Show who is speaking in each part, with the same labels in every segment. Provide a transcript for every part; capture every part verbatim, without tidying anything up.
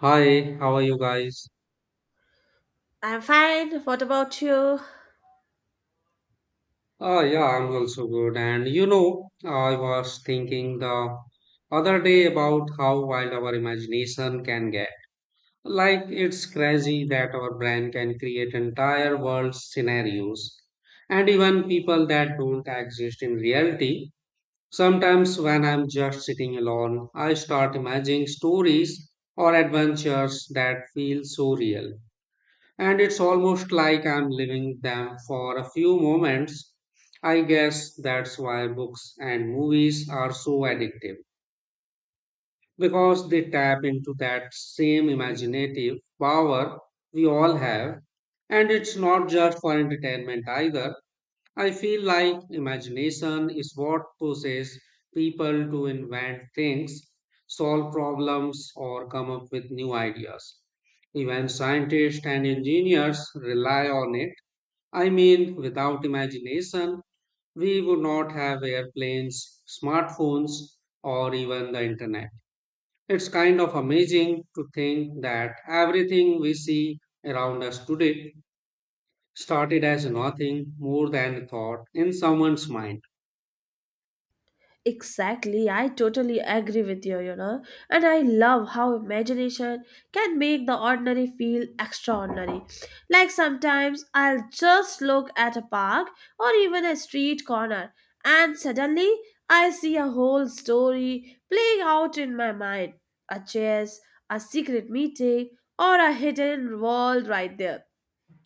Speaker 1: Hi, how are you guys?
Speaker 2: I'm fine. What about you?
Speaker 1: Uh, yeah, I'm also good. And you know, I was thinking the other day about how wild our imagination can get. Like, it's crazy that our brain can create entire world scenarios and even people that don't exist in reality. Sometimes, when I'm just sitting alone, I start imagining stories or adventures that feel so real, and it's almost like I'm living them for a few moments. I guess that's why books and movies are so addictive, because they tap into that same imaginative power we all have, and it's not just for entertainment either. I feel like imagination is what pushes people to invent things, solve problems, or come up with new ideas. Even scientists and engineers rely on it. I mean, without imagination, we would not have airplanes, smartphones, or even the internet. It's kind of amazing to think that everything we see around us today started as nothing more than a thought in someone's mind.
Speaker 2: Exactly. I totally agree with you, you know. And I love how imagination can make the ordinary feel extraordinary. Like sometimes I'll just look at a park or even a street corner, and suddenly I see a whole story playing out in my mind, a chase, a secret meeting, or a hidden world right there.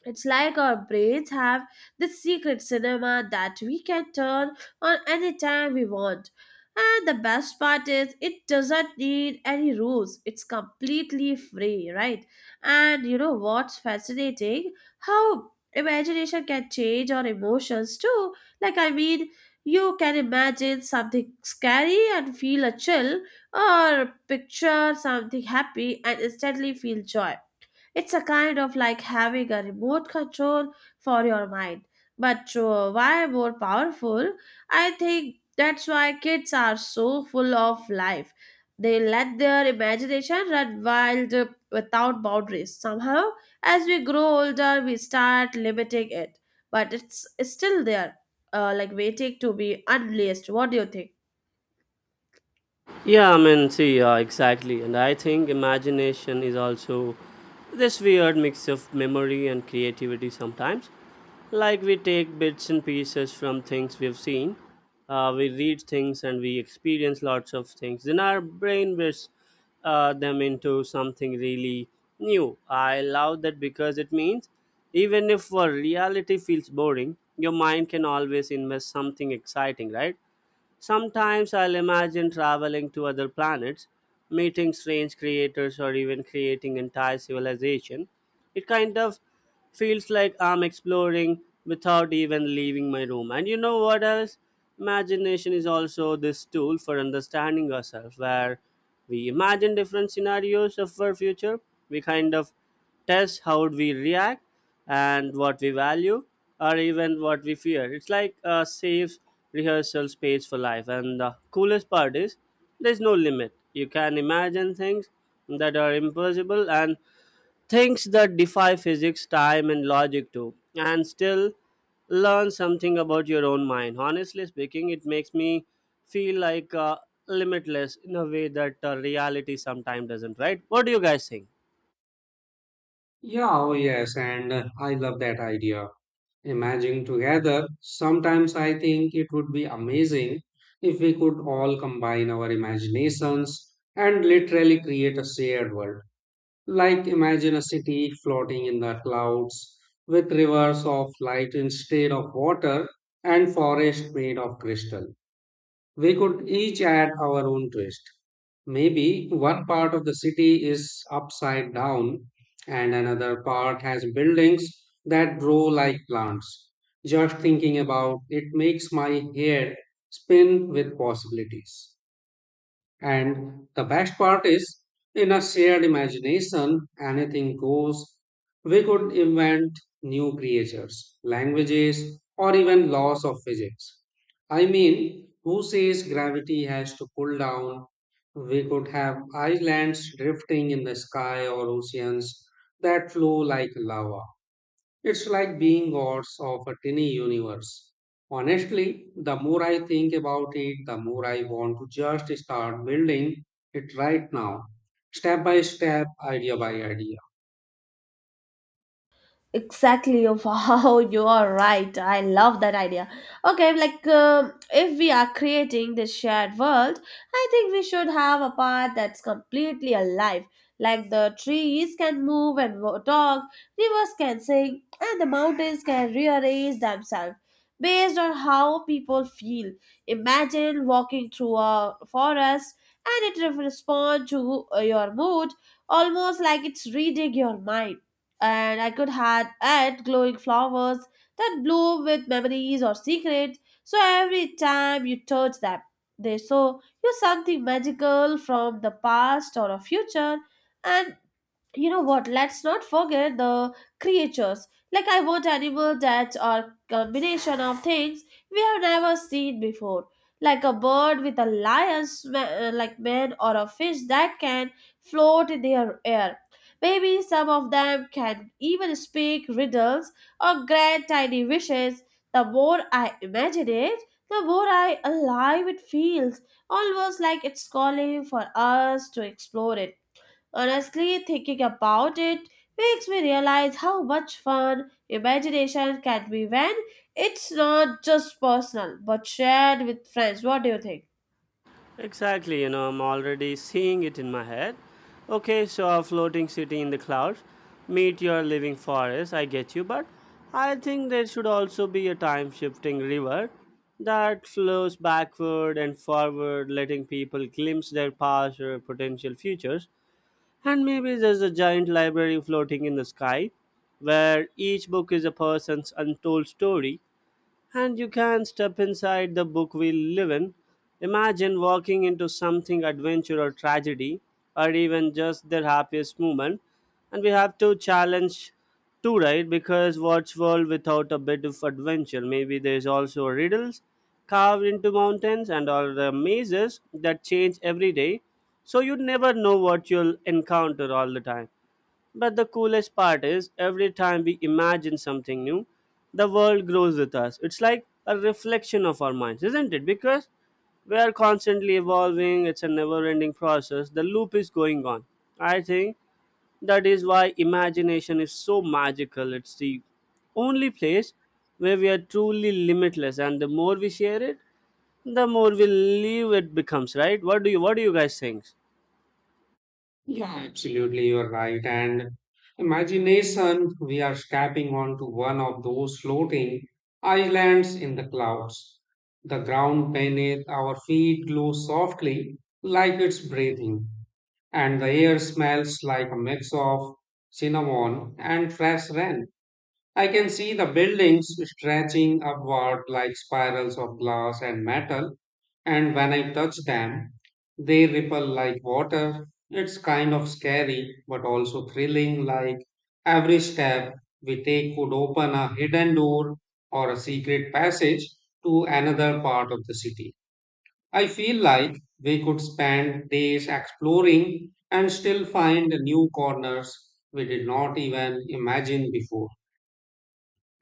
Speaker 2: It's like our brains have this secret cinema that we can turn on anytime we want. And the best part is, it doesn't need any rules. It's completely free, right? And you know what's fascinating? How imagination can change our emotions too. Like, I mean, you can imagine something scary and feel a chill, or picture something happy and instantly feel joy. It's a kind of like having a remote control for your mind, but uh, why more powerful? I think that's why kids are so full of life. They let their imagination run wild uh, without boundaries. Somehow, as we grow older, we start limiting it, but it's still there, uh, like waiting to be unleashed. What do you think?
Speaker 3: Yeah, I mean, see, uh, exactly. And I think imagination is also this weird mix of memory and creativity sometimes. Like we take bits and pieces from things we've seen, uh, we read things and we experience lots of things. Then our brain whips uh, them into something really new. I love that because it means even if uh, reality feels boring, your mind can always invest something exciting, right? Sometimes I'll imagine traveling to other planets, meeting strange creators, or even creating entire civilization. It kind of feels like I'm exploring without even leaving my room. And you know what else? Imagination is also this tool for understanding ourselves, where we imagine different scenarios of our future. We kind of test how we react and what we value or even what we fear. It's like a safe rehearsal space for life, and the coolest part is there's no limit. You can imagine things that are impossible and things that defy physics, time, and logic too, and still learn something about your own mind. Honestly speaking, it makes me feel like uh, limitless in a way that uh, reality sometimes doesn't, right? What do you guys think?
Speaker 1: Yeah, oh yes, and uh, I love that idea. Imagine together. Sometimes I think it would be amazing if we could all combine our imaginations and literally create a shared world. Like, imagine a city floating in the clouds with rivers of light instead of water and forest made of crystal. We could each add our own twist. Maybe one part of the city is upside down and another part has buildings that grow like plants. Just thinking about it makes my hair spin with possibilities. And the best part is, in a shared imagination, anything goes. We could invent new creatures, languages, or even laws of physics. I mean, who says gravity has to pull down? We could have islands drifting in the sky or oceans that flow like lava. It's like being gods of a tiny universe. Honestly, the more I think about it, the more I want to just start building it right now, step by step, idea by idea.
Speaker 2: Exactly, of how you are right. I love that idea. Okay like um, if we are creating this shared world, I think we should have a part that's completely alive. Like the trees can move and wo- talk, rivers can sing, and the mountains can rearrange themselves based on how people feel. Imagine walking through a forest and it responds to uh, your mood, almost like it's reading your mind. And I could had add glowing flowers that bloom with memories or secrets. So every time you touch them, they show you something magical from the past or a future. And you know what, let's not forget the creatures. Like I want animals that are combination of things we have never seen before, like a bird with a lion's ma- uh, like man, or a fish that can float in the air. Maybe some of them can even speak riddles or grant tiny wishes. The more I imagine it, the more I alive it feels, almost like it's calling for us to explore it. Honestly, thinking about it makes me realize how much fun imagination can be when it's not just personal but shared with friends. What do you think?
Speaker 3: Exactly, you know, I'm already seeing it in my head. Okay, so a floating city in the clouds. Meet your living forest, I get you, but I think there should also be a time shifting river that flows backward and forward, letting people glimpse their past or potential futures. And maybe there's a giant library floating in the sky where each book is a person's untold story and you can step inside the book we live in. Imagine walking into something adventure or tragedy, or even just their happiest moment. And we have to challenge too, right? Because what's world without a bit of adventure? Maybe there's also riddles carved into mountains and all the mazes that change every day, so you never know what you'll encounter all the time. But the coolest part is every time we imagine something new, the world grows with us. It's like a reflection of our minds, isn't it? Because we are constantly evolving, it's a never ending process. The loop is going on. I think that is why imagination is so magical. It's the only place where we are truly limitless, and the more we share it, the more we live it becomes, right? What do you What do you guys think?
Speaker 1: Yeah, absolutely, you're right. And imagination, we are stepping onto one of those floating islands in the clouds. The ground beneath our feet glows softly, like it's breathing, and the air smells like a mix of cinnamon and fresh rain. I can see the buildings stretching upward like spirals of glass and metal, and when I touch them, they ripple like water. It's kind of scary, but also thrilling, like every step we take could open a hidden door or a secret passage to another part of the city. I feel like we could spend days exploring and still find new corners we did not even imagine before.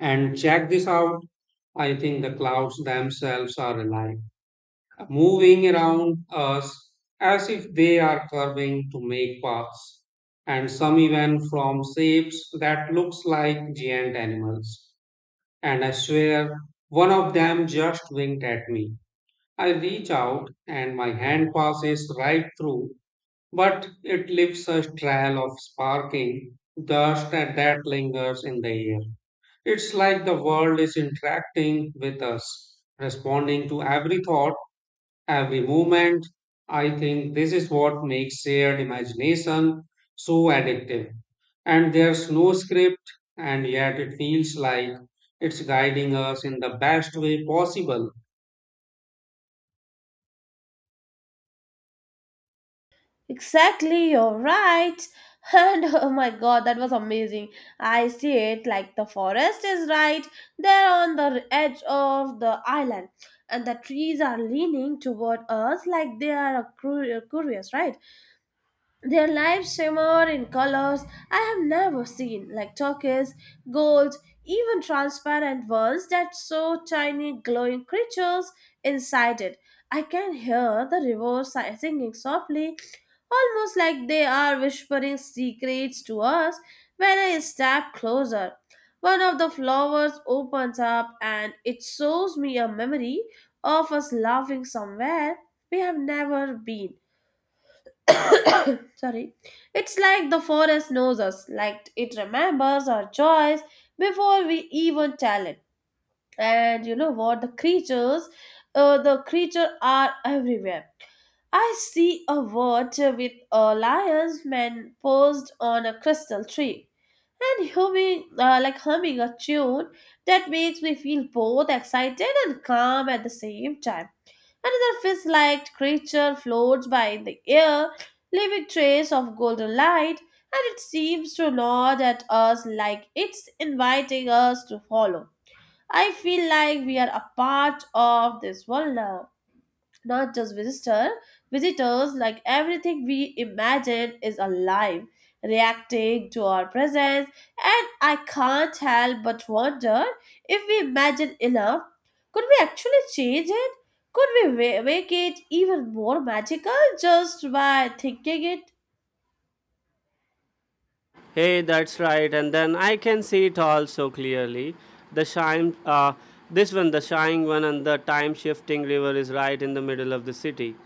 Speaker 1: And check this out, I think the clouds themselves are alive, moving around us as if they are curving to make paths, and some even from shapes that looks like giant animals. And I swear, one of them just winked at me. I reach out and my hand passes right through, but it leaves a trail of sparking dust and that lingers in the air. It's like the world is interacting with us, responding to every thought, every movement. I think this is what makes shared imagination so addictive. And there's no script, and yet it feels like it's guiding us in the best way possible.
Speaker 2: Exactly, you're right. And oh my god, that was amazing. I see it like the forest is right there on the edge of the island, and the trees are leaning toward us like they are cur- curious, right? Their lives shimmer in colors I have never seen, like turquoise, gold, even transparent ones that show tiny glowing creatures inside it. I can hear the river si- singing softly, almost like they are whispering secrets to us when I step closer. One of the flowers opens up and it shows me a memory of us laughing somewhere we have never been. Sorry. It's like the forest knows us, like it remembers our joys before we even tell it. And you know what? The creatures, uh, the creature are everywhere. I see a wart with a lion's man posed on a crystal tree and humming, uh, like humming a tune that makes me feel both excited and calm at the same time. Another fish like creature floats by in the air, leaving trace of golden light, and it seems to nod at us like it's inviting us to follow. I feel like we are a part of this world now, not just visitor visitors, like everything we imagine is alive, reacting to our presence. And I can't help but wonder, if we imagine enough, could we actually change it? Could we wa- make it even more magical just by thinking it?
Speaker 3: Hey, that's right. And then I can see it all so clearly. The shine, uh, this one, the shining one, and the time shifting river is right in the middle of the city,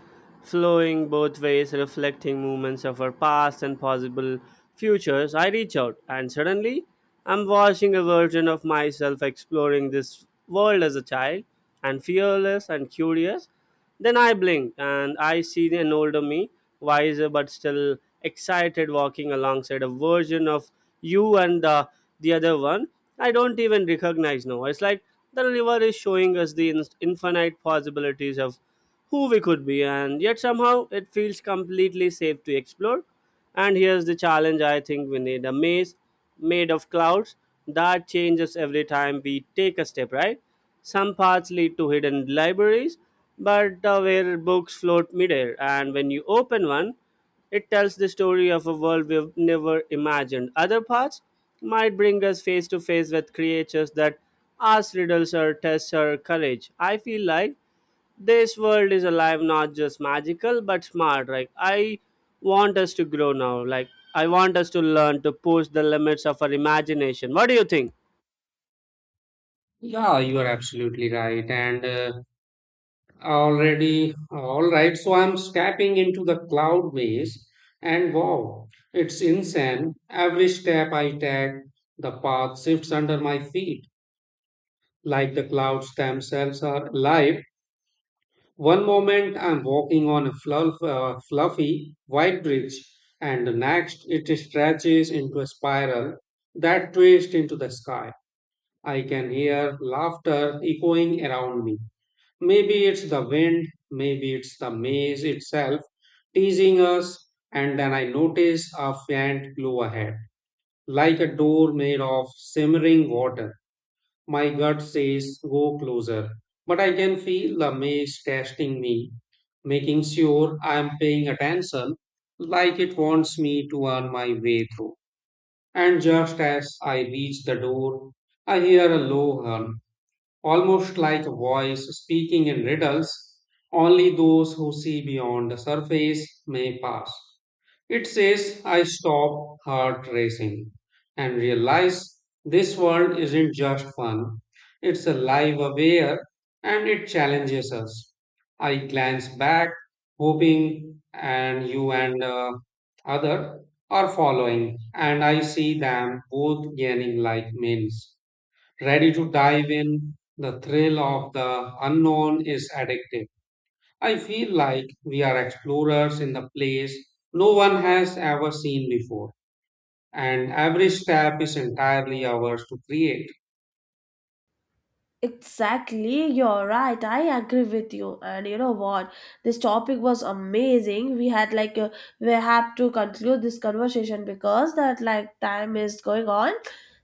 Speaker 3: flowing both ways, reflecting movements of our past and possible futures. I reach out, and suddenly I'm watching a version of myself exploring this world as a child, and fearless and curious. Then I blinked and I see an older me, wiser but still excited, walking alongside a version of you and the the other one. I don't even recognize now. It's like the river is showing us the in- infinite possibilities of who we could be, and yet somehow it feels completely safe to explore. And here's the challenge. I think we need a maze made of clouds that changes every time we take a step, right? Some paths lead to hidden libraries, but uh, where books float midair, and when you open one, it tells the story of a world we've never imagined. Other paths might bring us face to face with creatures that ask riddles or test our courage. I feel like this world is alive, not just magical but smart. Like, I want us to grow now. Like, I want us to learn to push the limits of our imagination. What do you think?
Speaker 1: Yeah, you are absolutely right. And uh, already, all right. So I'm stepping into the cloud maze, and wow, it's insane. Every step I take, the path shifts under my feet, like the clouds themselves are alive. One moment I'm walking on a fluff, uh, fluffy white bridge, and the next it stretches into a spiral that twists into the sky. I can hear laughter echoing around me. Maybe it's the wind, maybe it's the maze itself teasing us, and then I notice a faint glow ahead, like a door made of simmering water. My gut says, go closer, but I can feel the maze testing me, making sure I'm paying attention, like it wants me to earn my way through. And just as I reach the door, I hear a low hum, almost like a voice speaking in riddles. Only those who see beyond the surface may pass. It says, I stop, heart racing, and realize this world isn't just fun. It's alive, aware, and it challenges us. I glance back, hoping and you and uh, other are following, and I see them both gaining like minds ready to dive in. The thrill of the unknown is addictive. I feel like we are explorers in the place no one has ever seen before, and every step is entirely ours to create.
Speaker 2: Exactly, you're right. I agree with you. And you know what? This topic was amazing. We had like uh, we have to conclude this conversation because that like time is going on.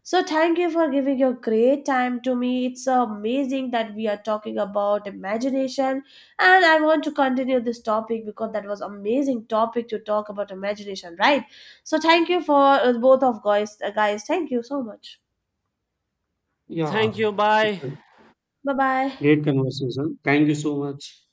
Speaker 2: So thank you for giving your great time to me. It's amazing that we are talking about imagination, and I want to continue this topic because that was amazing topic to talk about imagination, right? So thank you for uh, both of guys, uh, guys. Thank you so much.
Speaker 3: Thank
Speaker 1: Yeah,
Speaker 3: you,
Speaker 1: it's
Speaker 3: bye.
Speaker 1: a
Speaker 2: Bye bye.
Speaker 1: great conversation. Thank you so much.